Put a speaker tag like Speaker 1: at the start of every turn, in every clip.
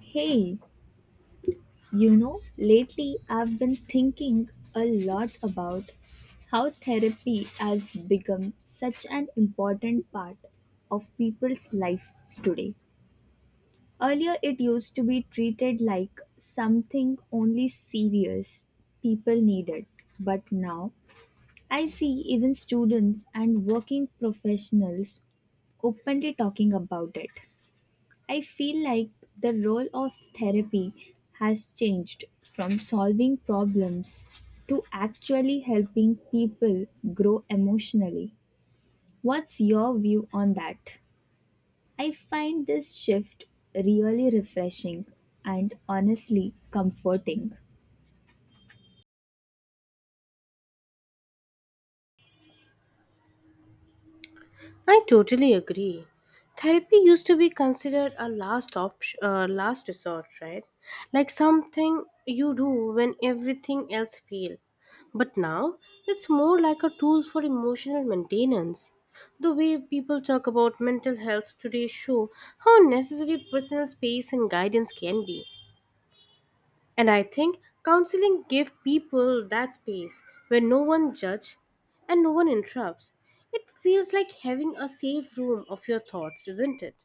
Speaker 1: Hey, you know, lately I've been thinking a lot about how therapy has become such an important part of people's lives today. Earlier, it used to be treated like something only serious people needed, but now I see even students and working professionals openly talking about it. I feel like the role of therapy has changed from solving problems to actually helping people grow emotionally. What's your view on that? I find this shift really refreshing and honestly comforting.
Speaker 2: I totally agree. Therapy used to be considered a last option, last resort, right? Like something you do when everything else fails. But now it's more like a tool for emotional maintenance. The way people talk about mental health today show how necessary personal space and guidance can be. And I think counseling gives people that space where no one judges and no one interrupts. It feels like having a safe room of your thoughts, isn't it?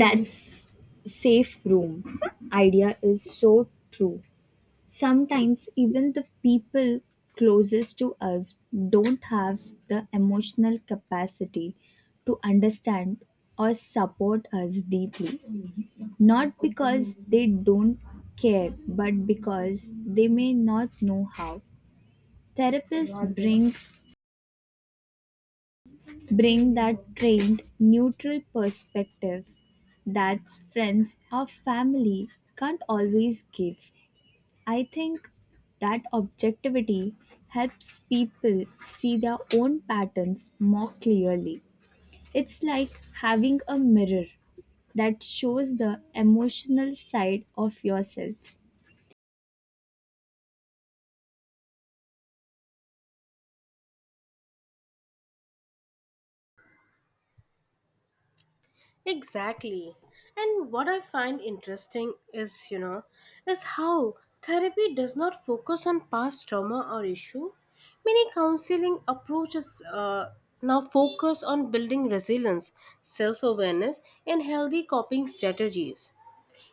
Speaker 1: That's safe room idea is so true. Sometimes even the people closest to us don't have the emotional capacity to understand or support us deeply. Not because they don't care, but because they may not know how. Therapists bring that trained neutral perspective that friends or family can't always give. I think that objectivity helps people see their own patterns more clearly. It's like having a mirror that shows the emotional side of yourself.
Speaker 2: Exactly. And what I find interesting is, is how therapy does not focus on past trauma or issue. Many counseling approaches now focus on building resilience, self-awareness, and healthy coping strategies.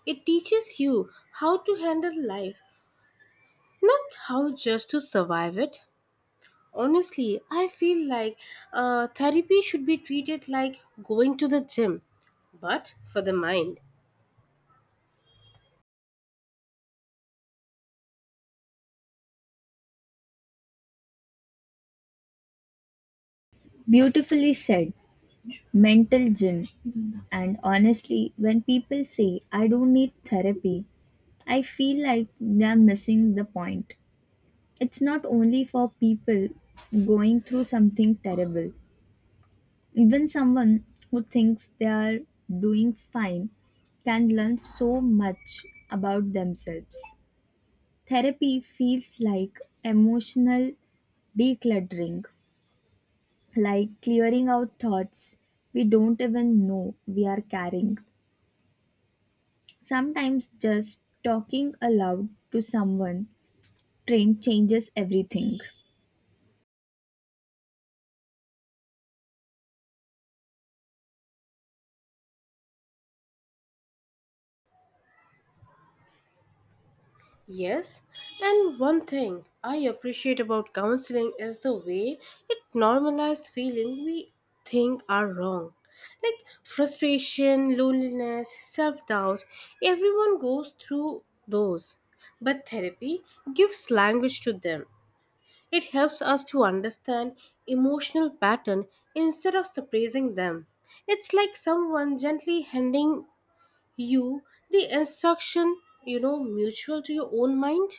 Speaker 2: It teaches you how to handle life, not how just to survive it. Honestly, I feel like therapy should be treated like going to the gym, but for the mind.
Speaker 1: Beautifully said, mental gym. And honestly, when people say, I don't need therapy, I feel like they're missing the point. It's not only for people going through something terrible. Even someone who thinks they are doing fine can learn so much about themselves. Therapy feels like emotional decluttering, like clearing out thoughts we don't even know we are carrying. Sometimes just talking aloud to someone train changes everything.
Speaker 2: Yes, and one thing I appreciate about counseling is the way it normalizes feeling we think are wrong. Like frustration, loneliness, self doubt, everyone goes through those. But therapy gives language to them. It helps us to understand emotional pattern instead of suppressing them. It's like someone gently handing you the instruction, mutual to your own mind.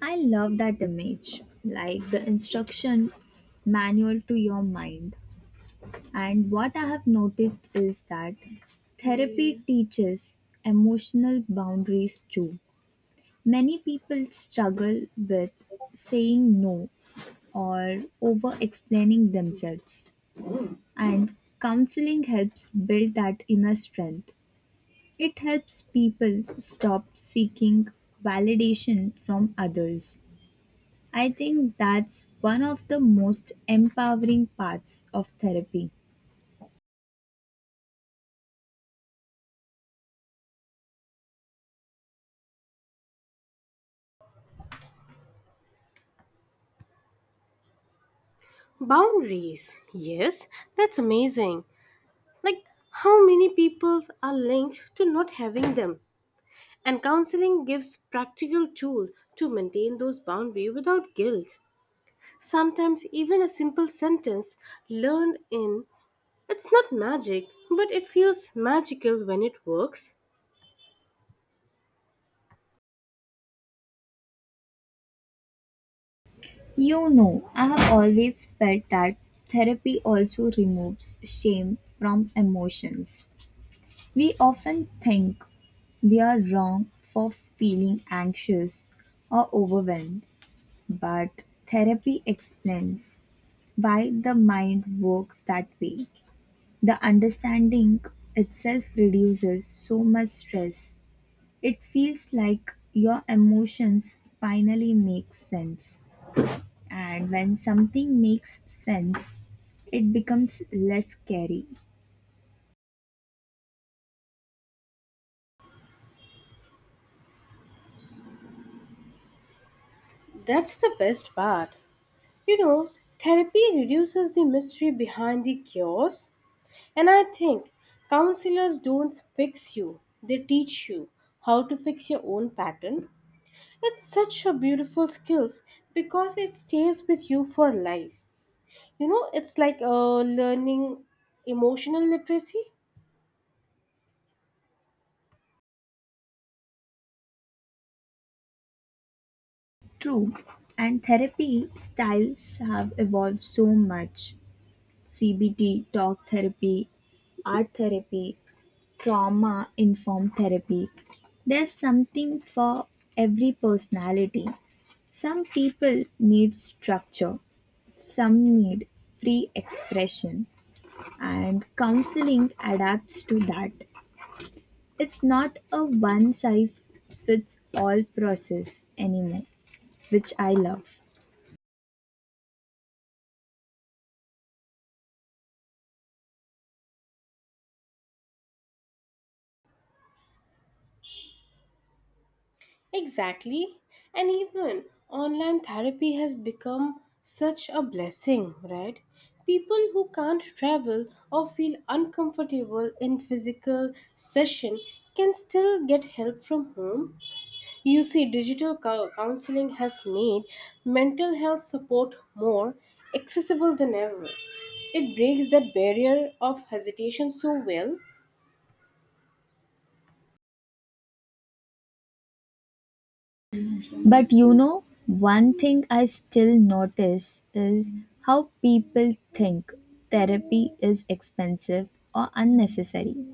Speaker 1: I love that image, like the instruction manual to your mind. And what I have noticed is that therapy teaches emotional boundaries too. Many people struggle with saying no or over explaining themselves, and counseling helps build that inner strength. It helps people stop seeking validation from others. I think that's one of the most empowering parts of therapy.
Speaker 2: Boundaries. Yes, that's amazing. Like how many peoples are linked to not having them. And counseling gives practical tool to maintain those boundaries without guilt. Sometimes even a simple sentence learned in it's not magic, but it feels magical when it works.
Speaker 1: You know, I have always felt that therapy also removes shame from emotions. We often think we are wrong for feeling anxious or overwhelmed, but therapy explains why the mind works that way. The understanding itself reduces so much stress. It feels like your emotions finally make sense. And when something makes sense, it becomes less scary.
Speaker 2: That's the best part. You know, therapy reduces the mystery behind the chaos. And I think counselors don't fix you, they teach you how to fix your own pattern. It's such a beautiful skills because it stays with you for life. You know, it's like learning emotional literacy.
Speaker 1: True. And therapy styles have evolved so much, CBT, talk therapy, art therapy, trauma informed therapy. There's something for every personality. Some people need structure, some need free expression, and counseling adapts to that. It's not a one size fits all process anymore, which I love.
Speaker 2: Exactly. And even online therapy has become such a blessing, right? People who can't travel or feel uncomfortable in physical session can still get help from home. You see, digital counseling has made mental health support more accessible than ever. It breaks that barrier of hesitation so well.
Speaker 1: But you know, one thing I still notice is how people think therapy is expensive or unnecessary.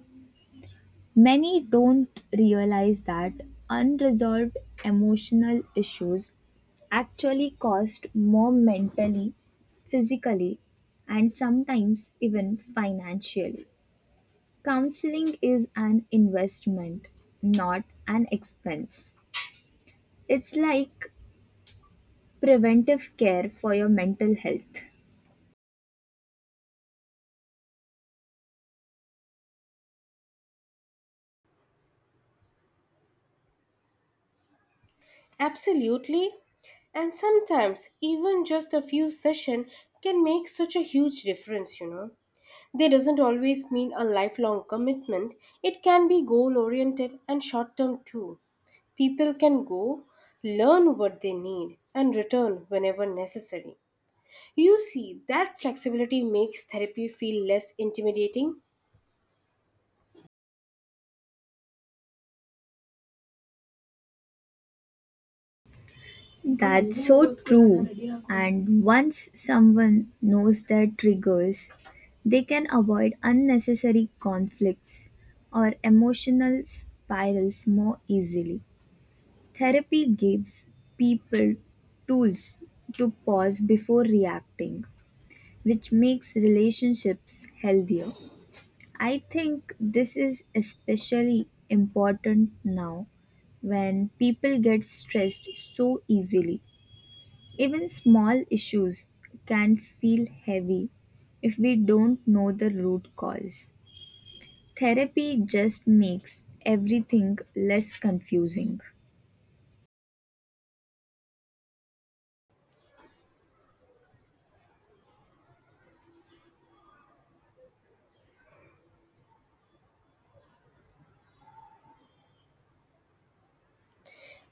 Speaker 1: Many don't realize that unresolved emotional issues actually cost more mentally, physically, and sometimes even financially. Counseling is an investment, not an expense. It's like preventive care for your mental health.
Speaker 2: Absolutely. And sometimes even just a few sessions can make such a huge difference, you know. They doesn't always mean a lifelong commitment. It can be goal oriented and short term too. People can go, learn what they need and return whenever necessary. You see, that flexibility makes therapy feel less intimidating.
Speaker 1: That's so true. And once someone knows their triggers, they can avoid unnecessary conflicts or emotional spirals more easily. Therapy gives people tools to pause before reacting, which makes relationships healthier. I think this is especially important now when people get stressed so easily. Even small issues can feel heavy if we don't know the root cause. Therapy just makes everything less confusing.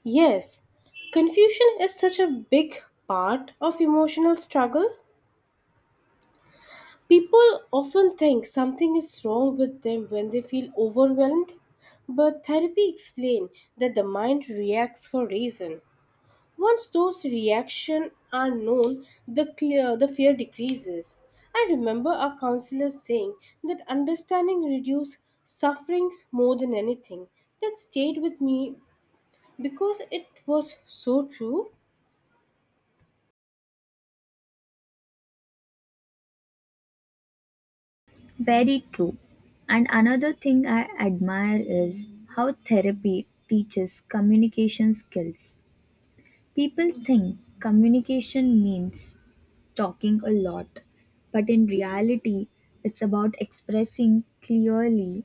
Speaker 2: Yes, confusion is such a big part of emotional struggle. People often think something is wrong with them when they feel overwhelmed, but therapy explains that the mind reacts for reason. Once those reactions are known, the clear the fear decreases. I remember our counselor saying that understanding reduces sufferings more than anything. That stayed with me because it was so true.
Speaker 1: Very true. And another thing I admire is how therapy teaches communication skills. People think communication means talking a lot, but in reality, it's about expressing clearly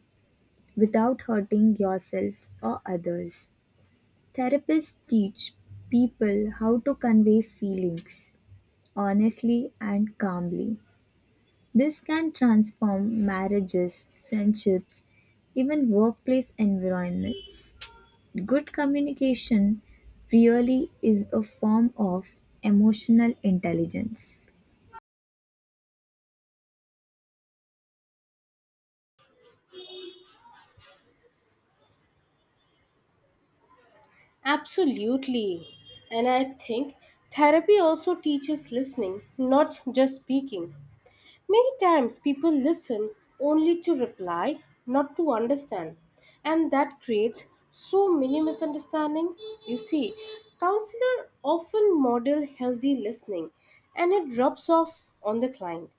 Speaker 1: without hurting yourself or others. Therapists teach people how to convey feelings honestly and calmly. This can transform marriages, friendships, even workplace environments. Good communication really is a form of emotional intelligence.
Speaker 2: Absolutely. And I think therapy also teaches listening, not just speaking. Many times people listen only to reply, not to understand, and that creates so many misunderstandings. You see, counselor often model healthy listening and it drops off on the client.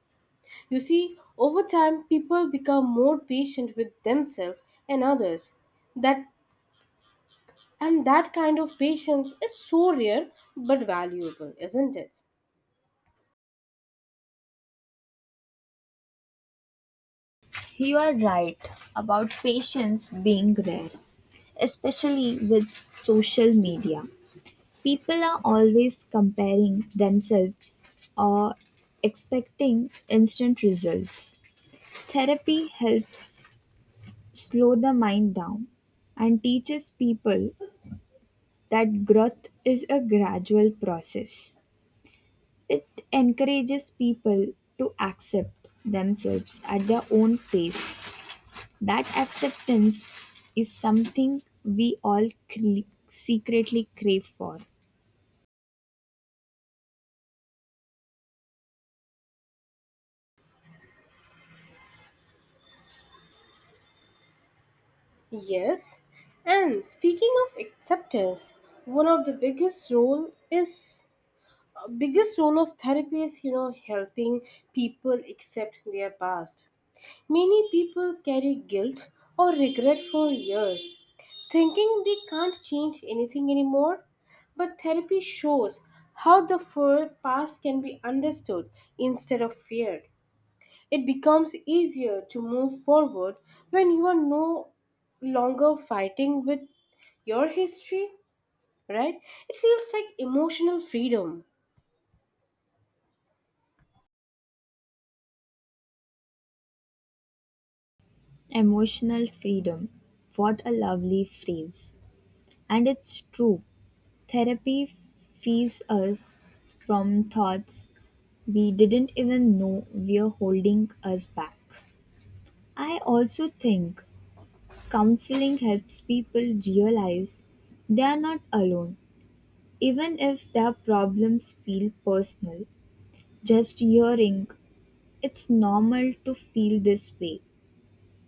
Speaker 2: You see, over time people become more patient with themselves and others. That and that kind of patience is so rare but valuable, isn't it?
Speaker 1: You are right about patience being rare, especially with social media. People are always comparing themselves or expecting instant results. Therapy helps slow the mind down and teaches people that growth is a gradual process. It encourages people to accept themselves at their own pace. That acceptance is something we all secretly crave for.
Speaker 2: Yes, and speaking of acceptance, one of the biggest role is biggest role of therapy is helping people accept their past. Many people carry guilt or regret for years, thinking they can't change anything anymore. But therapy shows how the full past can be understood instead of feared. It becomes easier to move forward when you are no longer fighting with your history, right? It feels like emotional freedom.
Speaker 1: Emotional freedom. What a lovely phrase. And it's true. Therapy frees us from thoughts we didn't even know were holding us back. I also think counseling helps people realize they are not alone, even if their problems feel personal. Just hearing, "It's normal to feel this way,"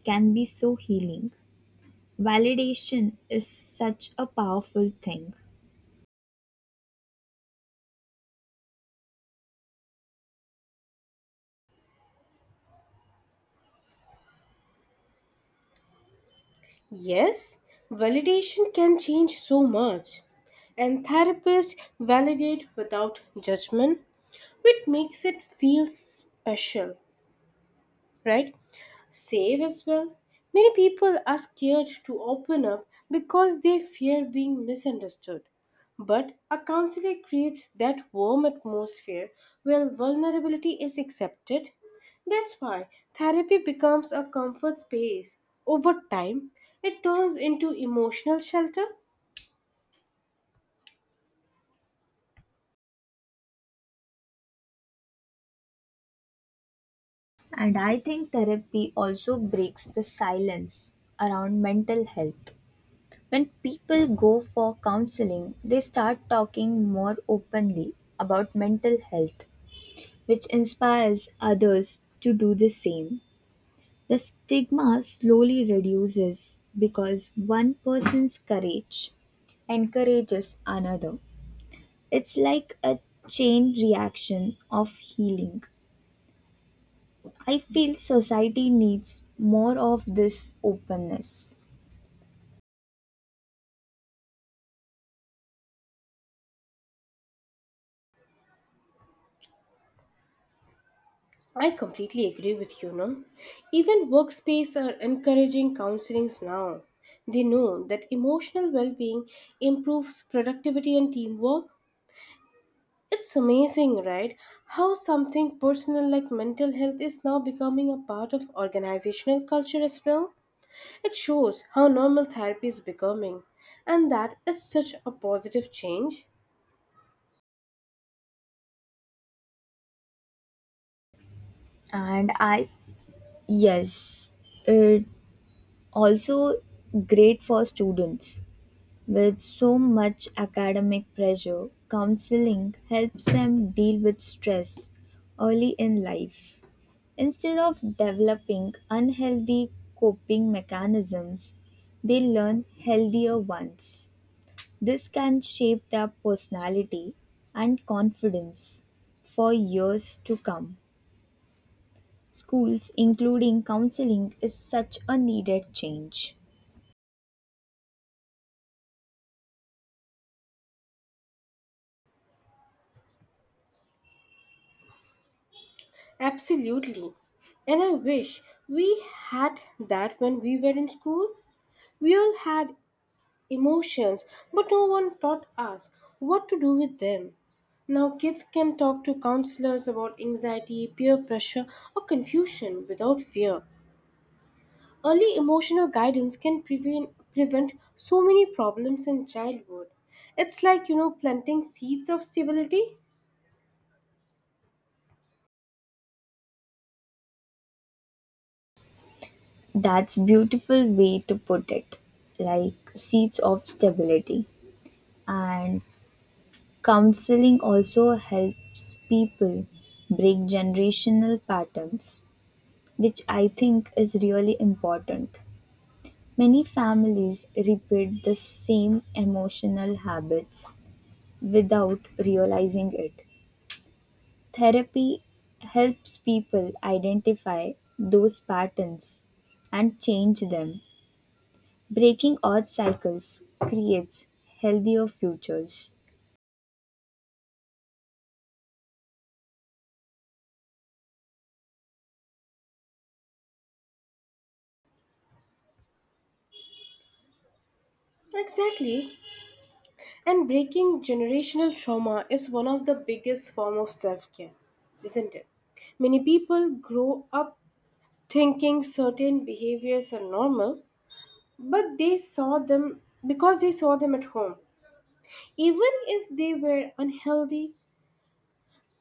Speaker 1: can be so healing. Validation is such a powerful thing.
Speaker 2: Yes, validation can change so much. And therapists validate without judgment, which makes it feel special, right? Safe as well. Many people are scared to open up because they fear being misunderstood. But a counselor creates that warm atmosphere where vulnerability is accepted. That's why therapy becomes a comfort space. Over time, it turns into emotional shelter.
Speaker 1: And I think therapy also breaks the silence around mental health. When people go for counseling, they start talking more openly about mental health, which inspires others to do the same. The stigma slowly reduces because one person's courage encourages another. It's like a chain reaction of healing. I feel society needs more of this openness.
Speaker 2: I completely agree with you, no? Even workspace are encouraging counselings now. They know that emotional well being improves productivity and teamwork. It's amazing, right? How something personal like mental health is now becoming a part of organizational culture as well. It shows how normal therapy is becoming, and that is such a positive change.
Speaker 1: And I, yes, it also great for students. With so much academic pressure, counseling helps them deal with stress early in life. Instead of developing unhealthy coping mechanisms, they learn healthier ones. This can shape their personality and confidence for years to come. Schools, including counseling, is such a needed change.
Speaker 2: Absolutely. And I wish we had that when we were in school. We all had emotions, but no one taught us what to do with them. Now, kids can talk to counselors about anxiety, peer pressure, or confusion without fear. Early emotional guidance can prevent so many problems in childhood. It's like, planting seeds of stability.
Speaker 1: That's beautiful way to put it, like seeds of stability. And counseling also helps people break generational patterns, which I think is really important. Many families repeat the same emotional habits without realizing it. Therapy helps people identify those patterns and change them. Breaking odd cycles creates healthier futures.
Speaker 2: Exactly. And breaking generational trauma is one of the biggest form of self-care, isn't it? Many people grow up thinking certain behaviors are normal, but they saw them because they saw them at home. Even if they were unhealthy,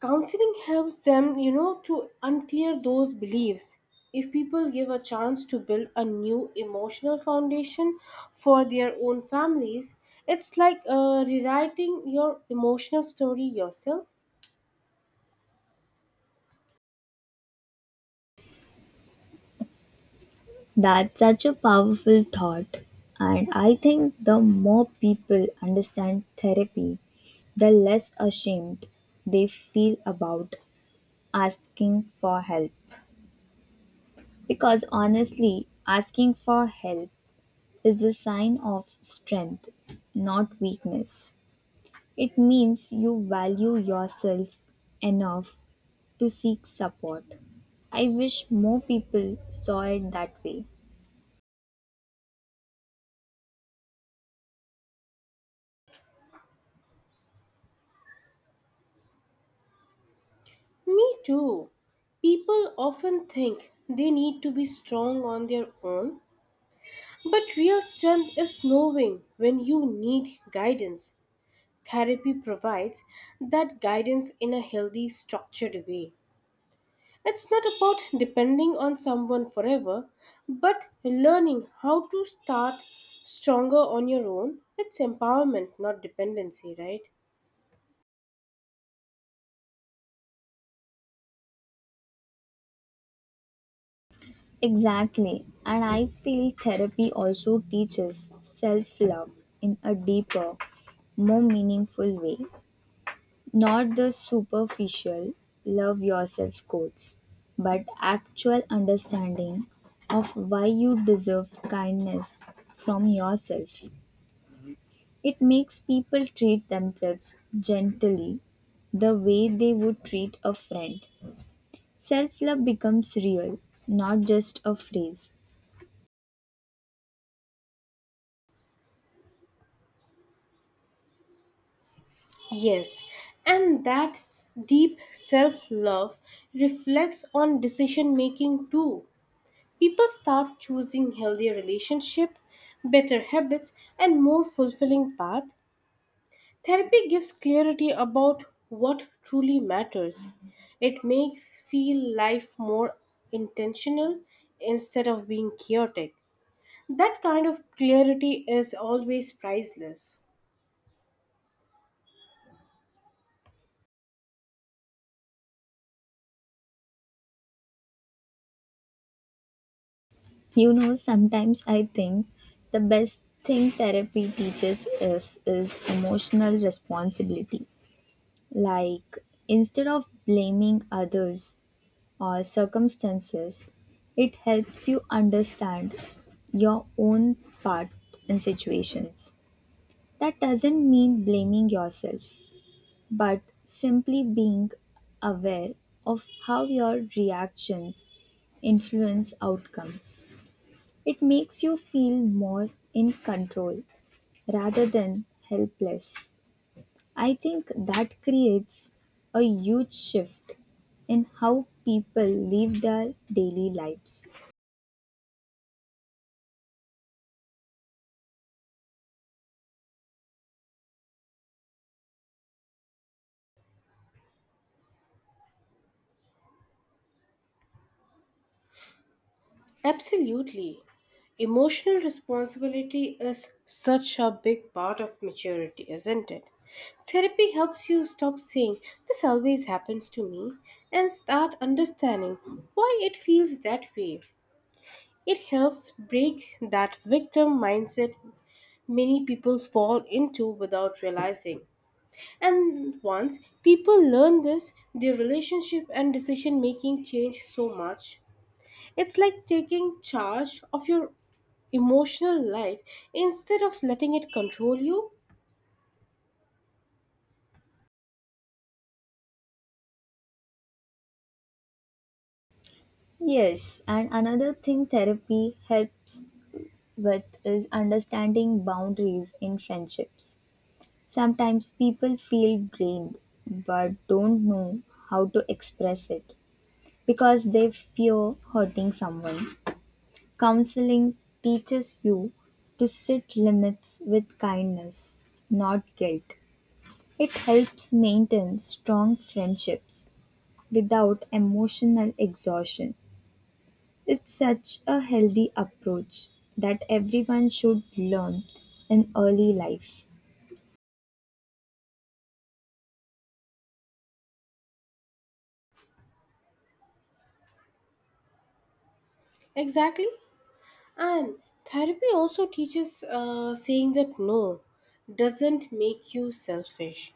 Speaker 2: counseling helps them, to unclear those beliefs. If people give a chance to build a new emotional foundation for their own families, it's like rewriting your emotional story yourself.
Speaker 1: That's such a powerful thought, and I think the more people understand therapy, the less ashamed they feel about asking for help. Because honestly, asking for help is a sign of strength, not weakness. It means you value yourself enough to seek support. I wish more people saw it that way.
Speaker 2: Me too. People often think they need to be strong on their own, but real strength is knowing when you need guidance. Therapy provides that guidance in a healthy, structured way. It's not about depending on someone forever, but learning how to start stronger on your own. It's empowerment, not dependency, right?
Speaker 1: Exactly, and I feel therapy also teaches self love in a deeper, more meaningful way. Not the superficial love yourself quotes, but actual understanding of why you deserve kindness from yourself. It makes people treat themselves gently the way they would treat a friend. Self love becomes real, not just a phrase.
Speaker 2: Yes, and deep self love reflects on decision making too. People start choosing healthier relationship, better habits and more fulfilling path. Therapy gives clarity about what truly matters. It makes feel life more intentional instead of being chaotic. That kind of clarity is always priceless.
Speaker 1: You know, sometimes I think the best thing therapy teaches us is emotional responsibility. Like, instead of blaming others or circumstances, it helps you understand your own part in situations. That doesn't mean blaming yourself, but simply being aware of how your reactions influence outcomes. It makes you feel more in control rather than helpless. I think that creates a huge shift in how people live their daily lives.
Speaker 2: Absolutely. Emotional responsibility is such a big part of maturity, isn't it? Therapy helps you stop saying, this always happens to me, and start understanding why it feels that way. It helps break that victim mindset many people fall into without realizing. And once people learn this, their relationship and decision making change so much. It's like taking charge of your emotional life instead of letting it control you.
Speaker 1: Yes, and another thing therapy helps with is understanding boundaries in friendships. Sometimes people feel drained but don't know how to express it because they fear hurting someone. Counseling teaches you to set limits with kindness, not guilt. It helps maintain strong friendships without emotional exhaustion. It's such a healthy approach that everyone should learn in early life.
Speaker 2: Exactly. And therapy also teaches saying that no doesn't make you selfish.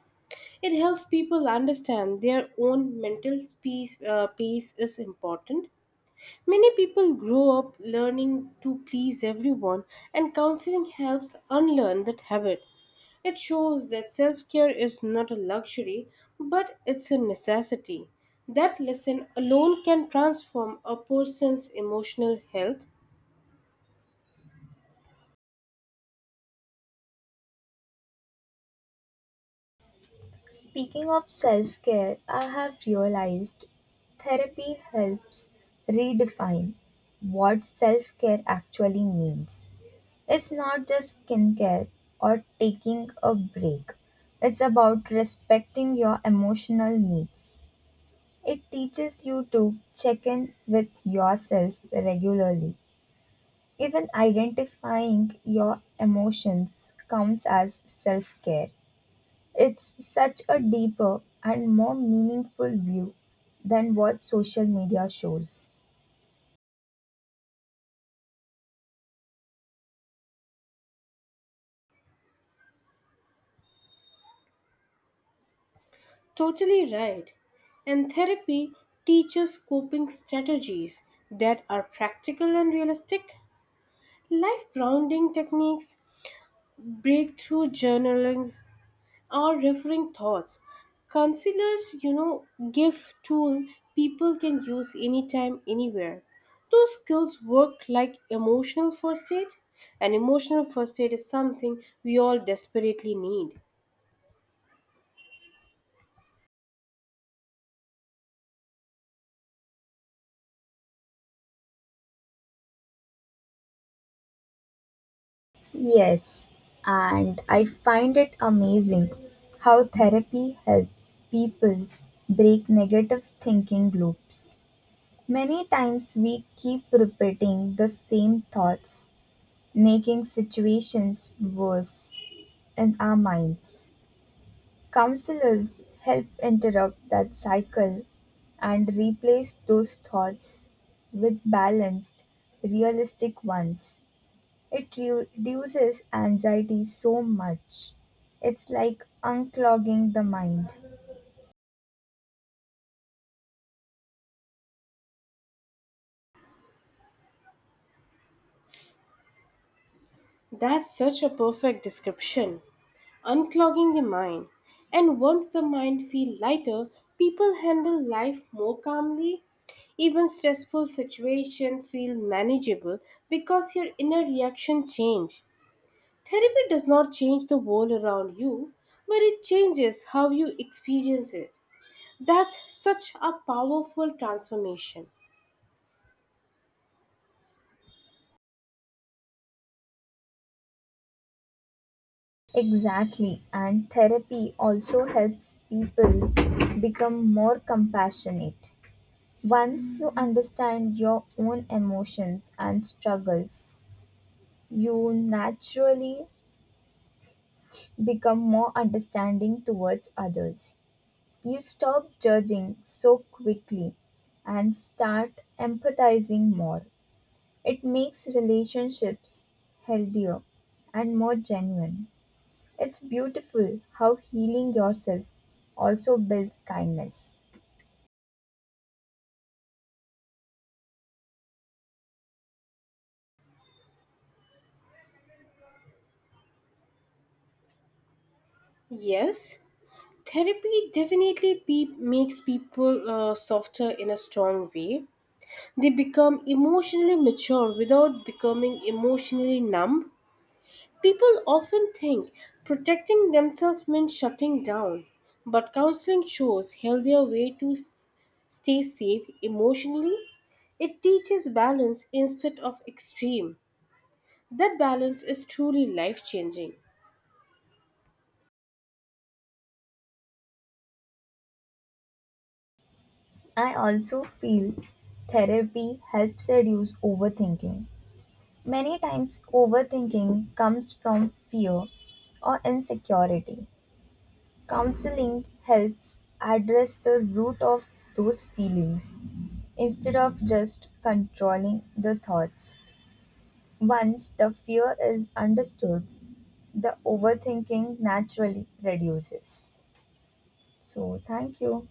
Speaker 2: It helps people understand their own peace is important. Many people grow up learning to please everyone, and counseling helps unlearn that habit. It shows that self care is not a luxury, but it's a necessity. That lesson alone can transform a person's emotional health.
Speaker 1: Speaking of self care, I have realized therapy helps redefine what self care actually means. It's not just skincare or taking a break, it's about respecting your emotional needs. It teaches you to check in with yourself regularly. Even identifying your emotions counts as self care. It's such a deeper and more meaningful view than what social media shows.
Speaker 2: Totally right. And therapy teaches coping strategies that are practical and realistic, life grounding techniques, breakthrough journaling, or referring thoughts. Counselors, give tool people can use anytime, anywhere. Those skills work like emotional first aid, and emotional first aid is something we all desperately need.
Speaker 1: Yes, and I find it amazing how therapy helps people break negative thinking loops. Many times we keep repeating the same thoughts making situations worse in our minds. Counselors help interrupt that cycle and replace those thoughts with balanced, realistic ones. It reduces anxiety so much. It's like unclogging the mind.
Speaker 2: That's such a perfect description. Unclogging the mind. And once the mind feel lighter, people handle life more calmly. Even stressful situation feel manageable because your inner reaction change. Therapy does not change the world around you, but it changes how you experience it. That's such a powerful transformation.
Speaker 1: Exactly, and therapy also helps people become more compassionate. Once you understand your own emotions and struggles, you naturally become more understanding towards others. You stop judging so quickly and start empathizing more. It makes relationships healthier and more genuine. It's beautiful how healing yourself also builds kindness.
Speaker 2: Yes, therapy definitely makes people softer in a strong way. They become emotionally mature without becoming emotionally numb. People often think protecting themselves means shutting down, but counseling shows healthier way to stay safe emotionally. It teaches balance instead of extreme. That balance is truly life changing.
Speaker 1: I also feel therapy helps reduce overthinking. Many times, overthinking comes from fear or insecurity. Counseling helps address the root of those feelings instead of just controlling the thoughts. Once the fear is understood, the overthinking naturally reduces. So, thank you.